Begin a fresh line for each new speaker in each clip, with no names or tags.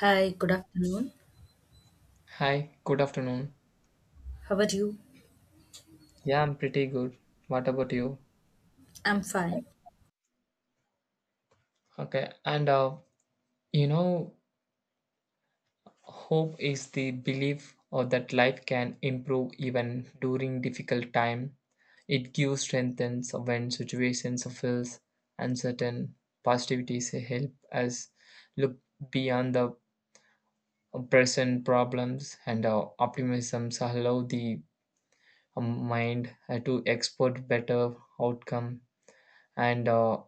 Hi, good afternoon.
Hi, good afternoon.
How are you?
Yeah, I'm pretty good. What about you?
I'm fine.
Okay, and you know, hope is the belief or that life can improve even during difficult time. It gives strength and so when situations feels uncertain. Positivity is a help us look beyond the present problems, and optimism allow the mind to export better outcome and. Uh,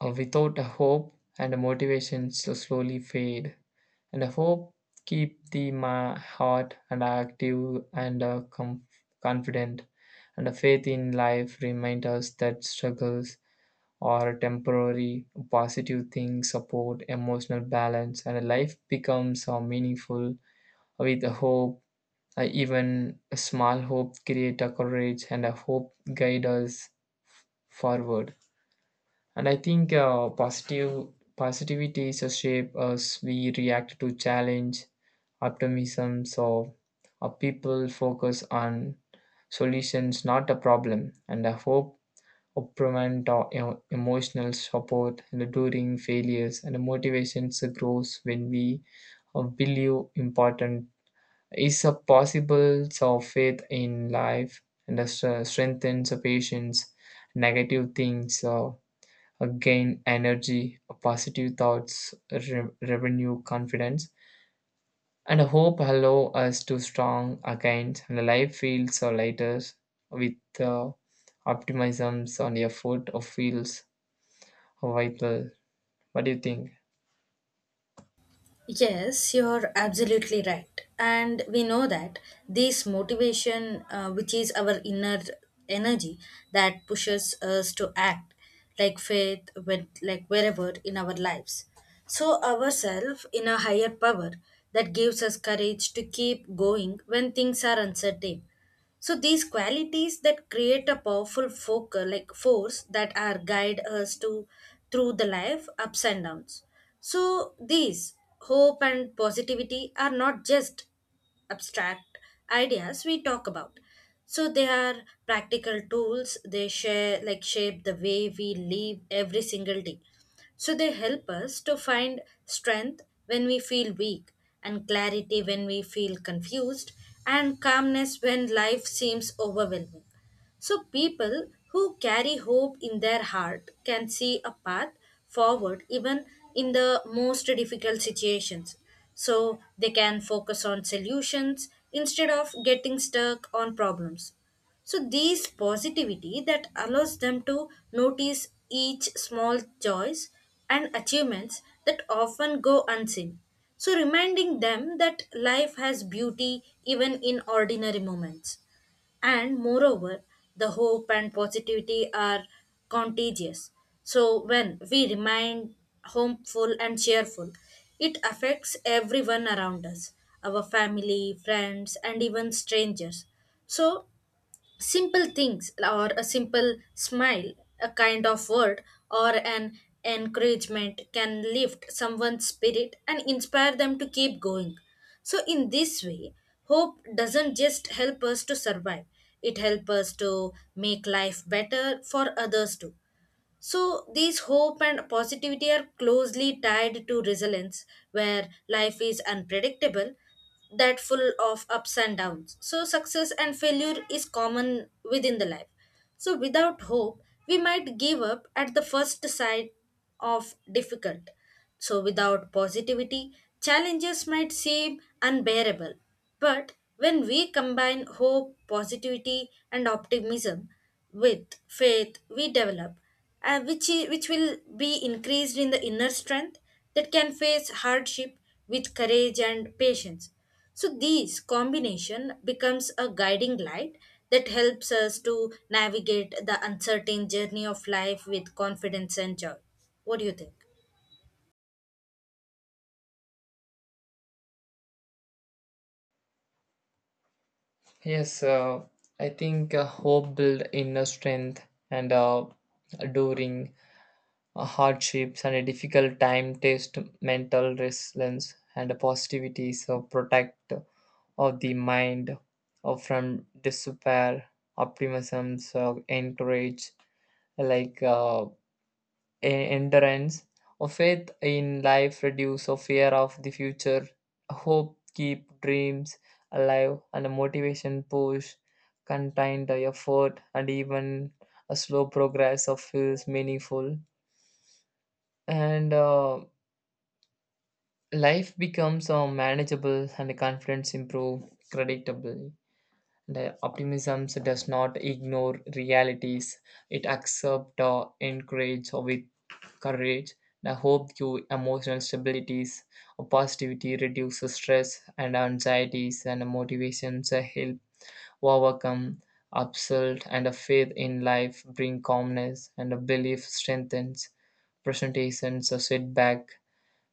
Uh, without a hope and a motivation so slowly fade and a hope keep the heart and active and confident and a faith in life remind us that struggles are temporary positive things support emotional balance and life becomes meaningful with a hope, even a small hope create a courage and a hope guide us forward. And I think positive positivity is a shape as we react to challenge optimism so people focus on solutions not a problem and a hope improvement or emotional support and during failures and the motivations grows when we believe important is a possible so faith in life and the strengthens the patience negative things so gain energy, positive thoughts, revenue, confidence, and hope allow us to strong against and life feels so lighter with uh, optimisms on your foot or feels vital. What do you think?
Yes, you're absolutely right. And we know that this motivation, which is our inner energy that pushes us to act, like faith, with, like wherever in our lives. So, ourself in a higher power that gives us courage to keep going when things are uncertain. So these qualities that create a powerful focal like force that are guide us to through the life ups and downs. So these hope and positivity are not just abstract ideas we talk about, so they are practical tools, they share like shape the way we live every single day, so they help us to find strength when we feel weak, and clarity when we feel confused, and calmness when life seems overwhelming. So people who carry hope in their heart can see a path forward even in the most difficult situations. So they can focus on solutions instead of getting stuck on problems. So this positivity that allows them to notice each small joys and achievements that often go unseen. So reminding them that life has beauty even in ordinary moments. And moreover, the hope and positivity are contagious. So when we remain hopeful and cheerful, it affects everyone around us, our family, friends, and even strangers. So simple things, or a simple smile, a kind of word, or an encouragement can lift someone's spirit and inspire them to keep going. So, in this way, hope doesn't just help us to survive, it helps us to make life better for others too. So these hope and positivity are closely tied to resilience, where life is unpredictable, that full of ups and downs. So success and failure is common within the life. So without hope, we might give up at the first sight of difficult. So without positivity, challenges might seem unbearable. But when we combine hope, positivity, and optimism with faith, we develop, which will be increased in the inner strength that can face hardship with courage and patience. So these combination becomes a guiding light that helps us to navigate the uncertain journey of life with confidence and joy. What do you think?
Yes, I think hope build inner strength and during hardships and a difficult time test mental resilience and positivity so protect of the mind or from despair optimism so encourage like endurance or faith in life reduce or fear of the future hope keep dreams alive and a motivation push contained the effort and even a slow progress of feels meaningful and life becomes manageable and the confidence improve predictable. The optimism does not ignore realities. It accepts or encourages with courage. The hope gives emotional stabilities. Positivity reduces stress and anxieties, and motivations help overcome upset. And a faith in life bring calmness, and a belief strengthens. Presentations are setback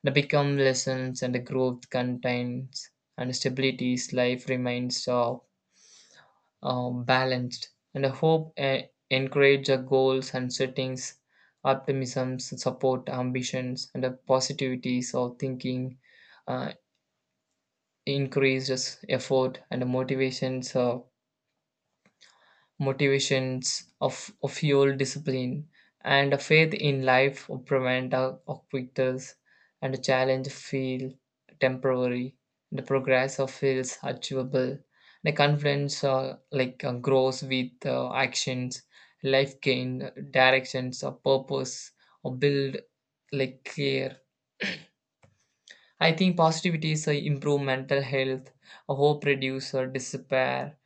and become lessons and the growth contains and stabilities. Life remains balanced and hope encourage goals and settings optimism support ambitions and the positivities of thinking uh, increases effort and the motivations of fuel discipline and a faith in life or prevent a quitters and a challenge feel temporary the progress of feels achievable the confidence like grows with actions life gain directions or purpose or build like clear. I think positivity is improve mental health, hope reduce despair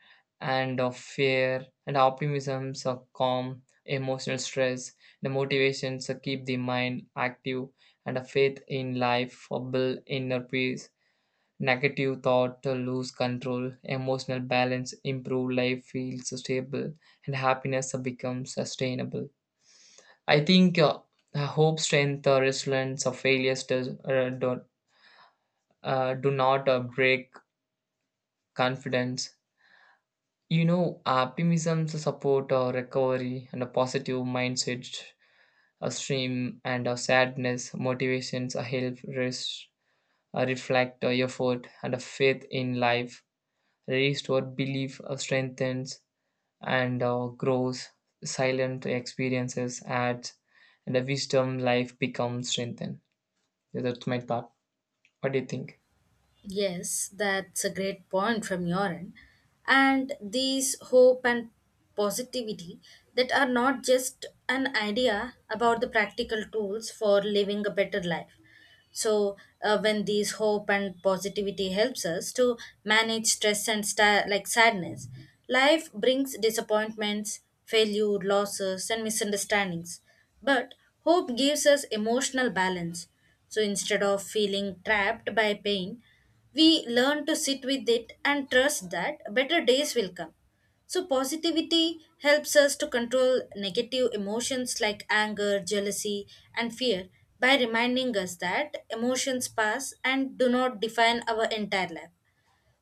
and of fear, and optimism calm emotional stress. The motivations keep the mind active, and a faith in life build inner peace. Negative thought lose control, emotional balance improve, life feels stable, and happiness becomes sustainable. I think hope, strength, resilience, or failures does, don't do not break confidence. You know, optimism to support recovery and a positive mindset, a stream and a sadness, motivations, a help, rest, a reflect, a effort, and a faith in life. Restore belief, strengthens and grows. Silent experiences adds, and the wisdom life becomes strengthened. Yeah, that's my thought. What do you think?
Yes, that's a great point from your end. And these hope and positivity that are not just an idea about the practical tools for living a better life. So, when these hope and positivity helps us to manage stress and like sadness, life brings disappointments, failure, losses, and misunderstandings. But hope gives us emotional balance. So instead of feeling trapped by pain, we learn to sit with it and trust that better days will come. So positivity helps us to control negative emotions like anger, jealousy, and fear by reminding us that emotions pass and do not define our entire life.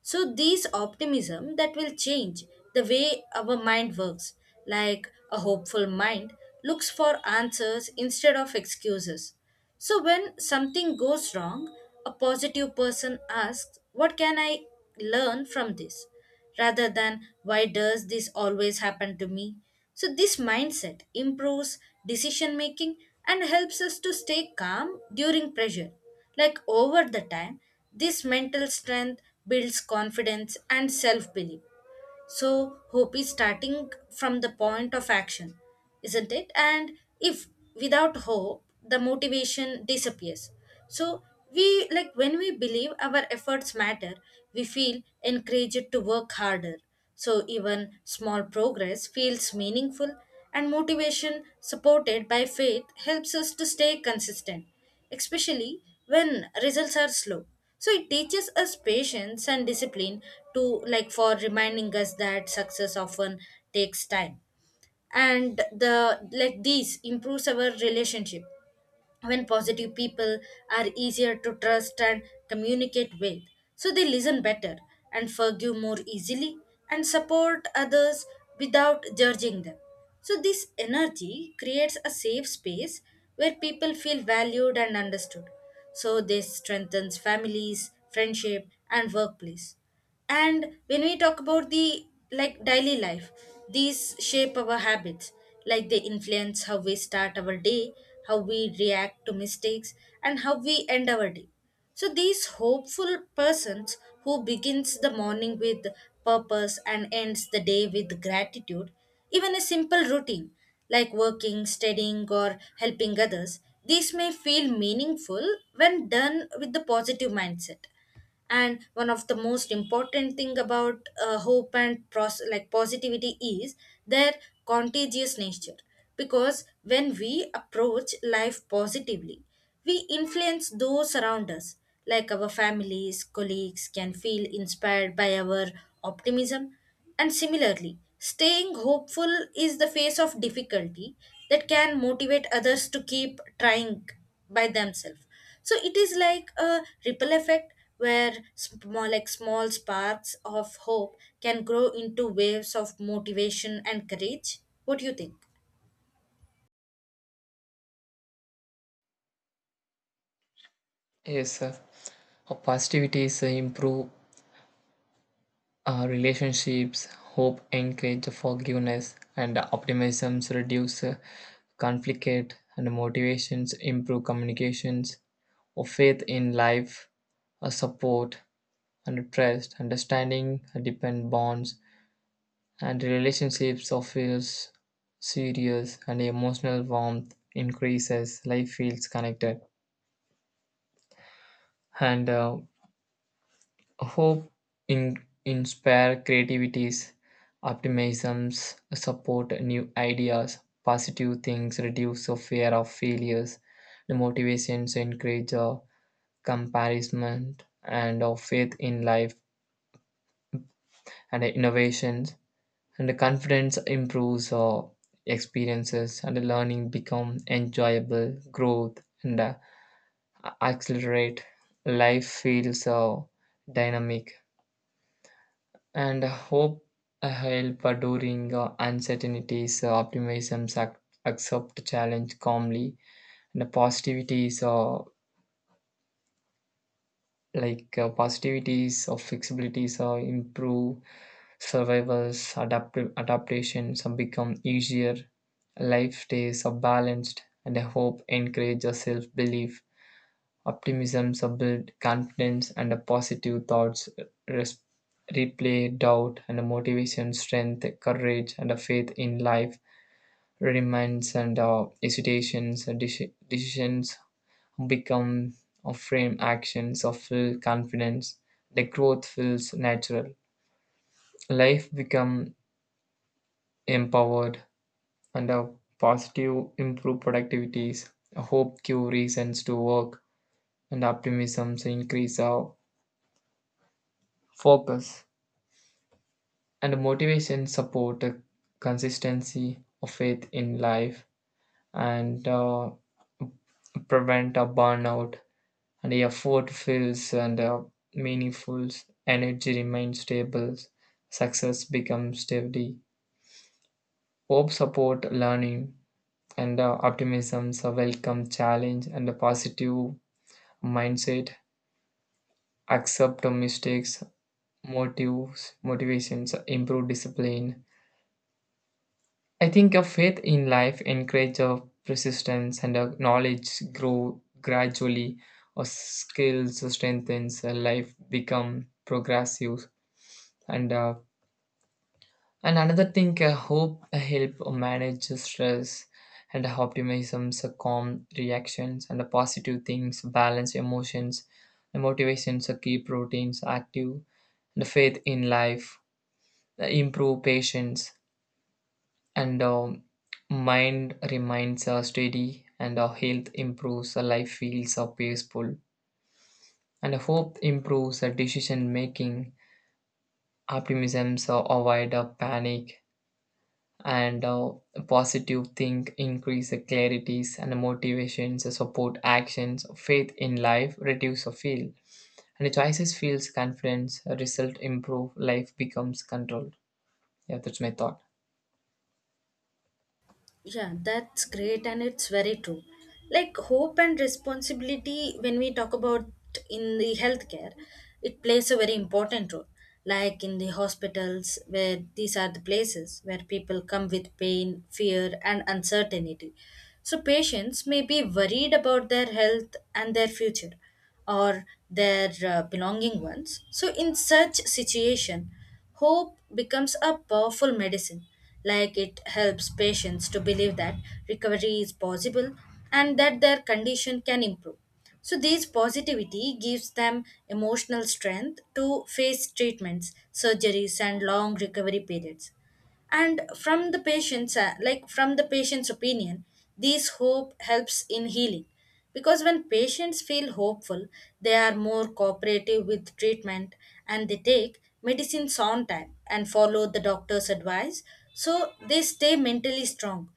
So these optimism that will change the way our mind works, like a hopeful mind looks for answers instead of excuses. So when something goes wrong, a positive person asks, what can I learn from this? Rather than why does this always happen to me. So this mindset improves decision making and helps us to stay calm during pressure. Like over the time, this mental strength builds confidence and self belief, so hope is starting from the point of action, isn't it? And if without hope, the motivation disappears. So we like when we believe our efforts matter, we feel encouraged to work harder. So even small progress feels meaningful, and motivation supported by faith helps us to stay consistent especially when results are slow, so it teaches us patience and discipline to like for reminding us that success often takes time. And the like this improves our relationship when positive people are easier to trust and communicate with. So they listen better and forgive more easily and support others without judging them. So this energy creates a safe space where people feel valued and understood. So this strengthens families, friendship and workplace. And when we talk about the like daily life, these shape our habits, like they influence how we start our day, how we react to mistakes, and how we end our day. So these hopeful persons who begins the morning with purpose and ends the day with gratitude, even a simple routine like working, studying or helping others, these may feel meaningful when done with the positive mindset. And one of the most important thing about hope and like positivity is their contagious nature, because when we approach life positively we influence those around us, like our families, colleagues can feel inspired by our optimism. And similarly staying hopeful is the face of difficulty that can motivate others to keep trying by themselves. So it is like a ripple effect where small sparks of hope can grow into waves of motivation and courage. What do you think?
Yes, sir. Positivity is improve our relationships, hope encourage forgiveness, and optimisms reduce conflict, and motivations improve communications, or faith in life, a support and trust, understanding depend bonds, and relationships of feels serious and emotional warmth increases. Life feels connected, and hope in, inspire creativities, optimisms, support new ideas, positive things, reduce the fear of failures, the motivations encourage comparison and of faith in life and the innovations and the confidence improves experiences and the learning become enjoyable growth and accelerate life feels dynamic and hope a help during uncertainties. Optimism accept challenge calmly, and the positivities or flexibilities improve survivals adaptations become easier. Life stays balanced, and I hope encourages self belief. Optimism subbuild confidence and a positive thoughts res- replay doubt and a motivation, strength, courage, and a faith in life. Reminds and hesitations, and decisions become a frame actions of full confidence. The growth feels natural. Life become empowered and a positive improve productivities. Hope give reasons to work and optimism increase our focus. And motivation support a consistency of faith in life and prevent a burnout. And the effort feels and meaningful. Energy remains stable. Success becomes steady. Hope support learning and optimism a welcome challenge and a positive mindset. Accept mistakes, motivations, improve discipline. I think a faith in life encourages a persistence and a knowledge grow gradually, a skills strengthens, a life become progressive, and uh, and another thing, a hope help manage stress and optimism, a calm reactions and a positive things, balance emotions, and motivations, a keep routines active, and faith in life, improve patience and mind remains steady and our health improves our life feels peaceful and hope improves our decision making optimism so avoid panic and positive think increase the clarities and motivations support actions faith in life reduce or feel and the choices feels confidence result improve life becomes controlled. Yeah, that's my thought.
Yeah, that's great and it's very true. Like hope and responsibility, when we talk about in the healthcare, it plays a very important role. Like in the hospitals, where these are the places where people come with pain, fear, and uncertainty. So patients may be worried about their health and their future, or their belonging ones. So, in such situation, hope becomes a powerful medicine, like it helps patients to believe that recovery is possible and that their condition can improve. So this positivity gives them emotional strength to face treatments, surgeries, and long recovery periods. And from the patient's opinion, this hope helps in healing, because when patients feel hopeful they are more cooperative with treatment, and they take medicines on time and follow the doctor's advice, so they stay mentally strong.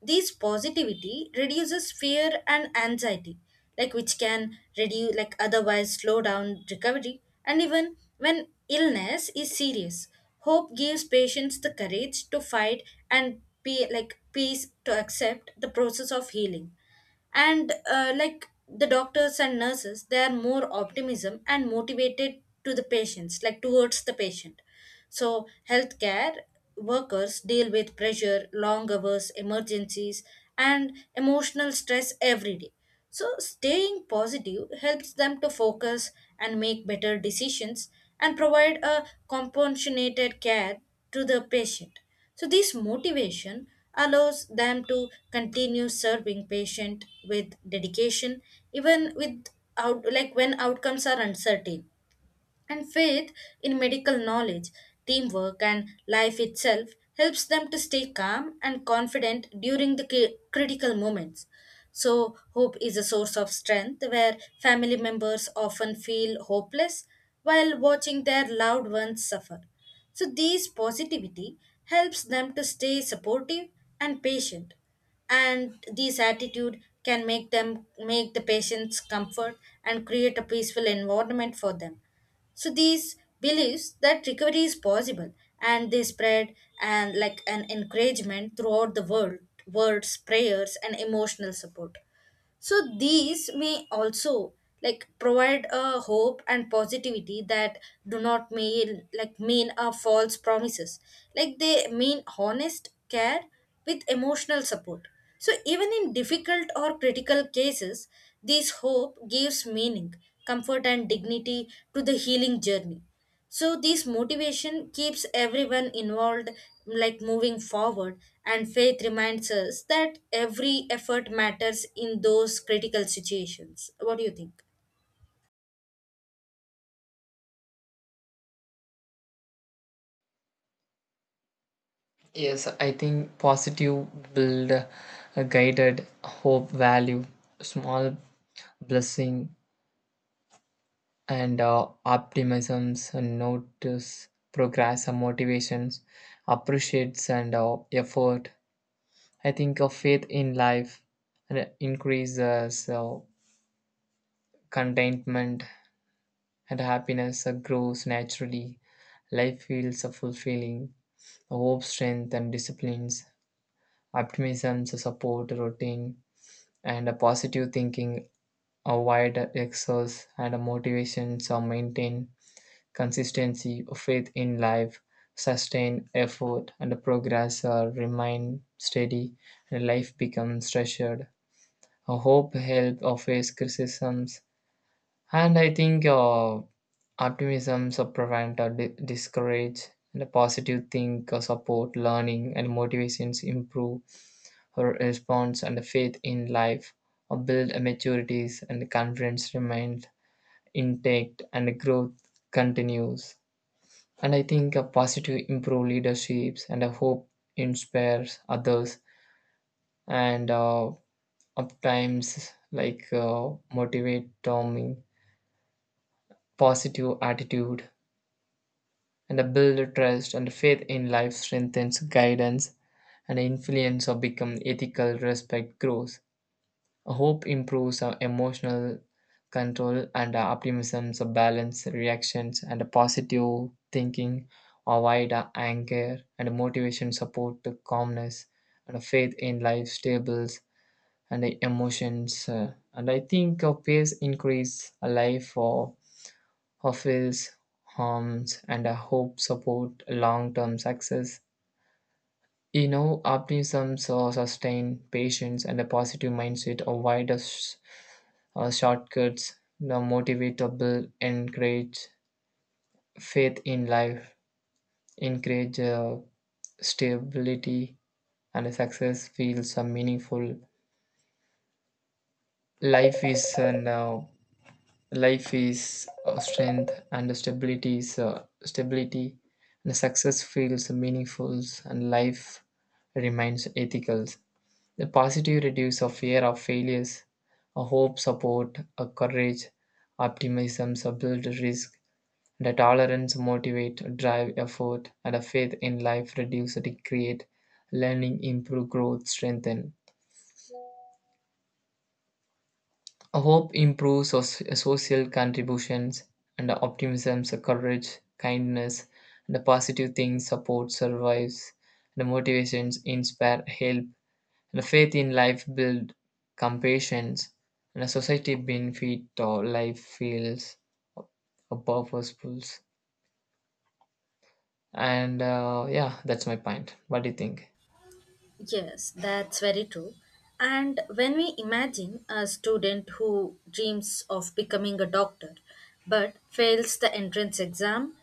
This positivity reduces fear and anxiety, like which can reduce, like otherwise slow down recovery. And even when illness is serious, hope gives patients the courage to fight and be like peace to accept the process of healing. And like the doctors and nurses, they are more optimism and motivated to the patients like towards the patient. So healthcare workers deal with pressure, long hours, emergencies, and emotional stress every day. So staying positive helps them to focus and make better decisions and provide a compassionate care to the patient. So this motivation allows them to continue serving patient with dedication even with out, like when outcomes are uncertain. And faith in medical knowledge, teamwork, and life itself helps them to stay calm and confident during the critical moments. So hope is a source of strength where family members often feel hopeless while watching their loved ones suffer. So this positivity helps them to stay supportive and patient, and this attitude can make the patients comfort and create a peaceful environment for them. So these beliefs that recovery is possible, and they spread and like an encouragement throughout the world, words, prayers, and emotional support. So these may also like provide a hope and positivity that do not mean like mean a false promises. Like they mean honest care with emotional support. So even in difficult or critical cases, this hope gives meaning, comfort and dignity to the healing journey. So this motivation keeps everyone involved like moving forward, and faith reminds us that every effort matters in those critical situations. What do you think?
Yes, I think positive build a guided hope value, small blessing and optimisms and notice progress and motivations, appreciates and effort. I think of faith in life and increases contentment and happiness grows naturally. Life feels fulfilling. Hope, strength, and disciplines. Optimism, support, routine and a positive thinking, a wide exercise, and a motivation to maintain consistency, faith in life, sustain effort, and progress remain steady, and life becomes treasured. Hope help face criticisms, and I think optimism so prevent or discourage, and a positive think support learning, and motivations improve her response and faith in life built maturities and confidence remains intact and growth continues. And I think a positive improve leaderships and a hope inspires others and of times like motivate Tommy positive attitude and a build trust and faith in life strengthens guidance and influence or become ethical respect grows. Hope improves our emotional control and our optimism, so balance reactions and a positive thinking, avoid our anger and motivation support to calmness and a faith in life stables and the emotions. And I think a pace increase a life for fulfills harms and a hope support long-term success. You know, optimism so sustain patience and a positive mindset avoid us shortcuts, the motivatable, encourage faith in life, encourage stability, and success feels meaningful. Life is an uh, Life is strength, and stability is stability, and success feels meaningful, and life remains ethical. The positive reduce of fear of failures, a hope support, a courage, optimism, a build risk. The tolerance, motivate, drive, effort, and a faith in life reduce, create, learning, improve, growth, strengthen. Hope improves social contributions, and optimism, courage, kindness, and the positive things support survives. The motivations inspire, help, and the faith in life build compassion, and a society benefit or life feels a purposeful. And yeah, that's my point. What do you think?
Yes, that's very true. And when we imagine a student who dreams of becoming a doctor but fails the entrance exam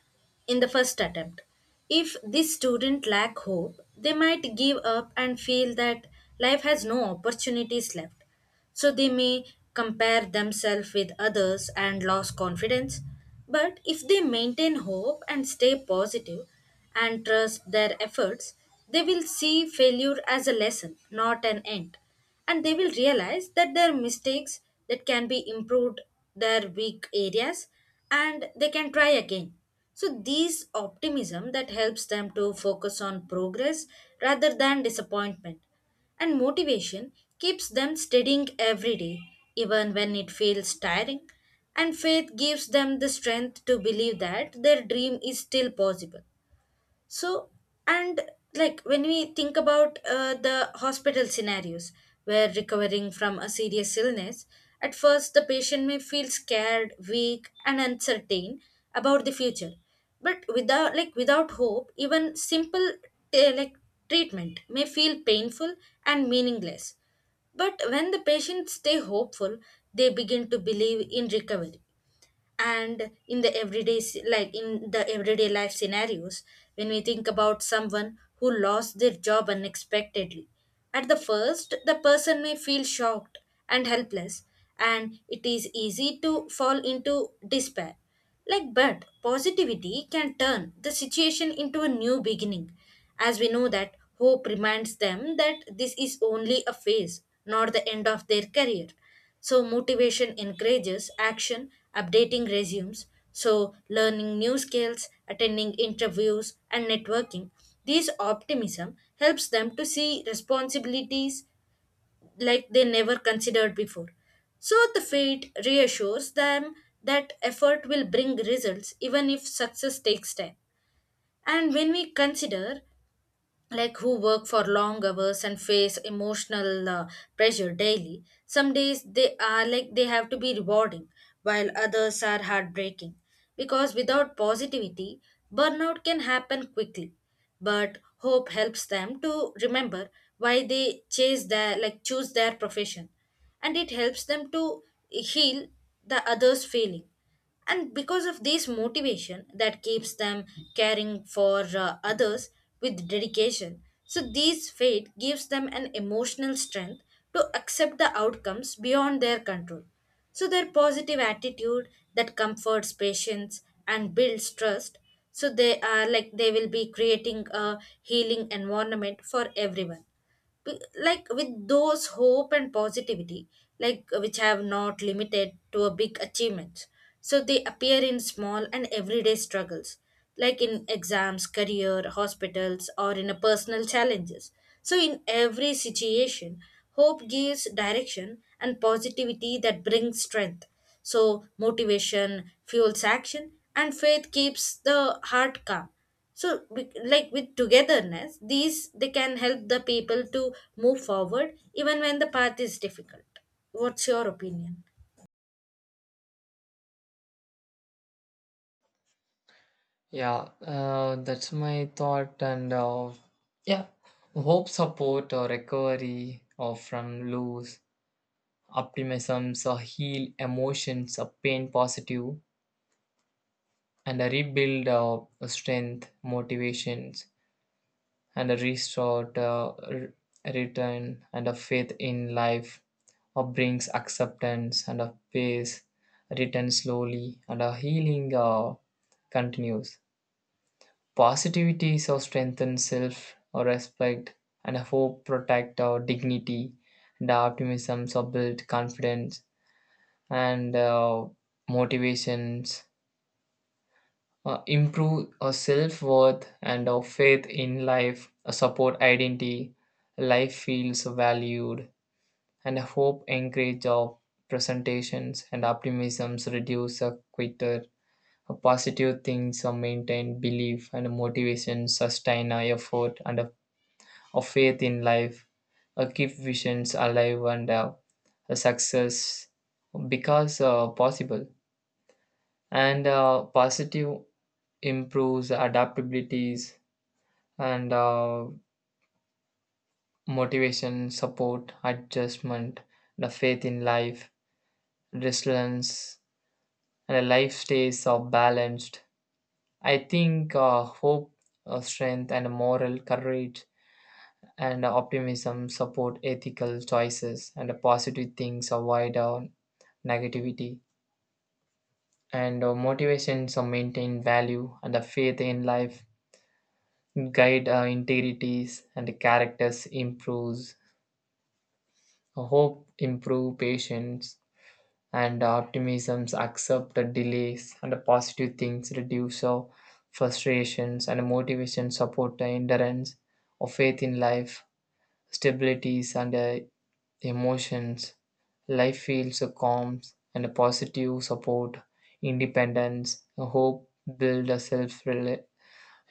in the first attempt, if this student lack hope, they might give up and feel that life has no opportunities left. So they may compare themselves with others and lose confidence. But if they maintain hope and stay positive and trust their efforts, they will see failure as a lesson, not an end. And they will realize that their mistakes that can be improved their weak areas, and they can try again. So these optimism that helps them to focus on progress rather than disappointment, and motivation keeps them studying every day, even when it feels tiring. And faith gives them the strength to believe that their dream is still possible. So, and like when we think about the hospital scenarios where recovering from a serious illness, at first the patient may feel scared, weak, and uncertain about the future. But without hope, even simple like treatment may feel painful and meaningless. But when the patients stay hopeful, they begin to believe in recovery. And in the everyday like in the everyday life scenarios, when we think about someone who lost their job unexpectedly, at the first the person may feel shocked and helpless, and it is easy to fall into despair. Like, but positivity can turn the situation into a new beginning, as we know that hope reminds them that this is only a phase, not the end of their career. So motivation encourages action, updating resumes, so learning new skills, attending interviews and networking. This optimism helps them to see responsibilities like they never considered before. So the fate reassures them that effort will bring results even if success takes time. And when we consider like who work for long hours and face emotional pressure daily, some days they are like they have to be rewarding while others are heartbreaking, because without positivity burnout can happen quickly. But hope helps them to remember why they chase their like choose their profession, and it helps them to heal the others feeling. And because of this motivation that keeps them caring for others with dedication. So these faith gives them an emotional strength to accept the outcomes beyond their control. So their positive attitude that comforts patients and builds trust, so they are like they will be creating a healing environment for everyone. Like with those hope and positivity, like which have not limited to a big achievements, so they appear in small and everyday struggles, like in exams, career, hospitals or in a personal challenges. So in every situation, hope gives direction and positivity that brings strength, so motivation fuels action and faith keeps the heart calm. So like with togetherness these they can help the people to move forward even when the path is difficult. What's your opinion?
Yeah, that's my thought. And yeah, hope, support, or recovery or from loss, optimism, or heal emotions, or pain positive, and a rebuild of strength, motivations, and a restored return, and a faith in life, or brings acceptance and a peace, return slowly, and a healing continues. Positivity so strengthens self our respect, and hope protect our dignity, and optimism so build confidence, and motivations improve our self worth and our faith in life, support identity, life feels valued, and hope encourage our presentations, and optimisms reduce our quitter. Positive things are maintain belief and motivation sustain our effort and of faith in life, keep visions alive and a success because possible. And positive improves adaptabilities and motivation, support, adjustment, the faith in life, resilience, and a life stays balanced. I think hope, strength, and moral courage and optimism support ethical choices and positive things avoid negativity and motivations maintain value and the faith in life guide integrities and the characters improves. Hope improve patience and optimisms accept the delays and the positive things reduce frustrations and motivation support the endurance of faith in life stabilities and emotions. Life feels a calm and a positive support, independence, a hope build a self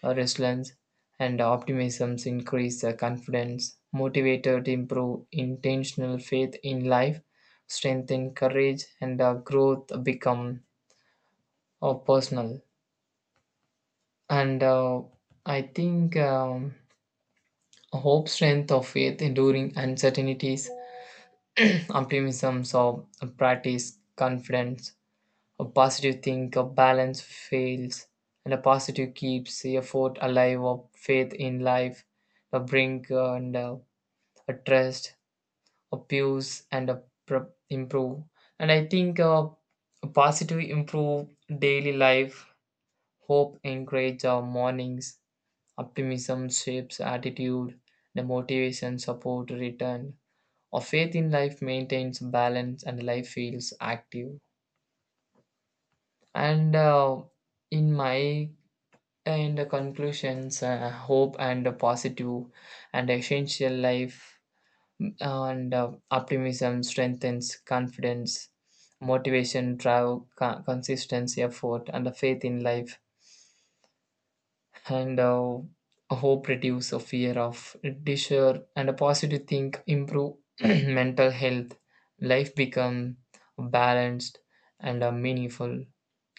resilience, and optimism increase the confidence, motivated improve intentional faith in life, strengthen courage, and growth become personal. And I think hope, strength of faith during uncertainties, optimism, so practice confidence. A positive think of balance fails, and a positive keeps a fort alive of faith in life, a brink and a trust, a peace and a improve. And I think a positive improve daily life, hope encourage our mornings, optimism shapes attitude, the motivation support return. A faith in life maintains balance and life feels active. And in my In the conclusions, hope and a positive and essential life and optimism strengthens confidence, motivation, drive, consistency, effort, and the faith in life. And hope reduces a fear of desire, and a positive think improve mental health. Life become balanced and meaningful.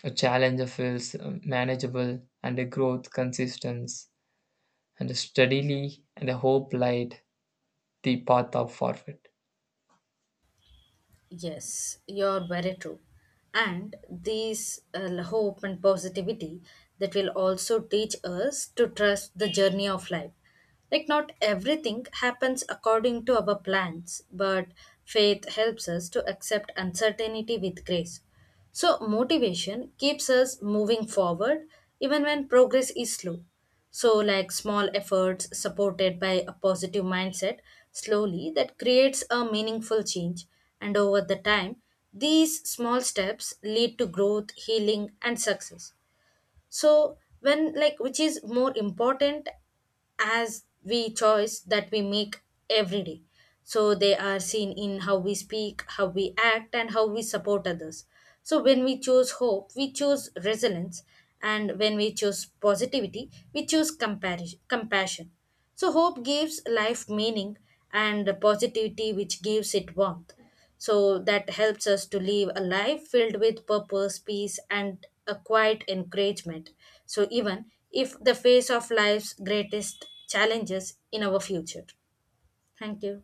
A challenge feels manageable, and a growth consistence and steadily and hope light the path of forward.
Yes, you're very true. And these hope and positivity that will also teach us to trust the journey of life. Like, not everything happens according to our plans, but faith helps us to accept uncertainty with grace. So motivation keeps us moving forward even when progress is slow. So like small efforts supported by a positive mindset, slowly that creates a meaningful change. And over the time, these small steps lead to growth, healing, and success. So when like which is more important, as we choice that we make every day, so they are seen in how we speak, how we act and how we support others. So when we choose hope we choose resilience, and when we choose positivity we choose compassion. So hope gives life meaning and positivity which gives it warmth, so that helps us to live a life filled with purpose, peace, and a quiet encouragement. So even if the face of life's greatest challenges in our future. Thank you.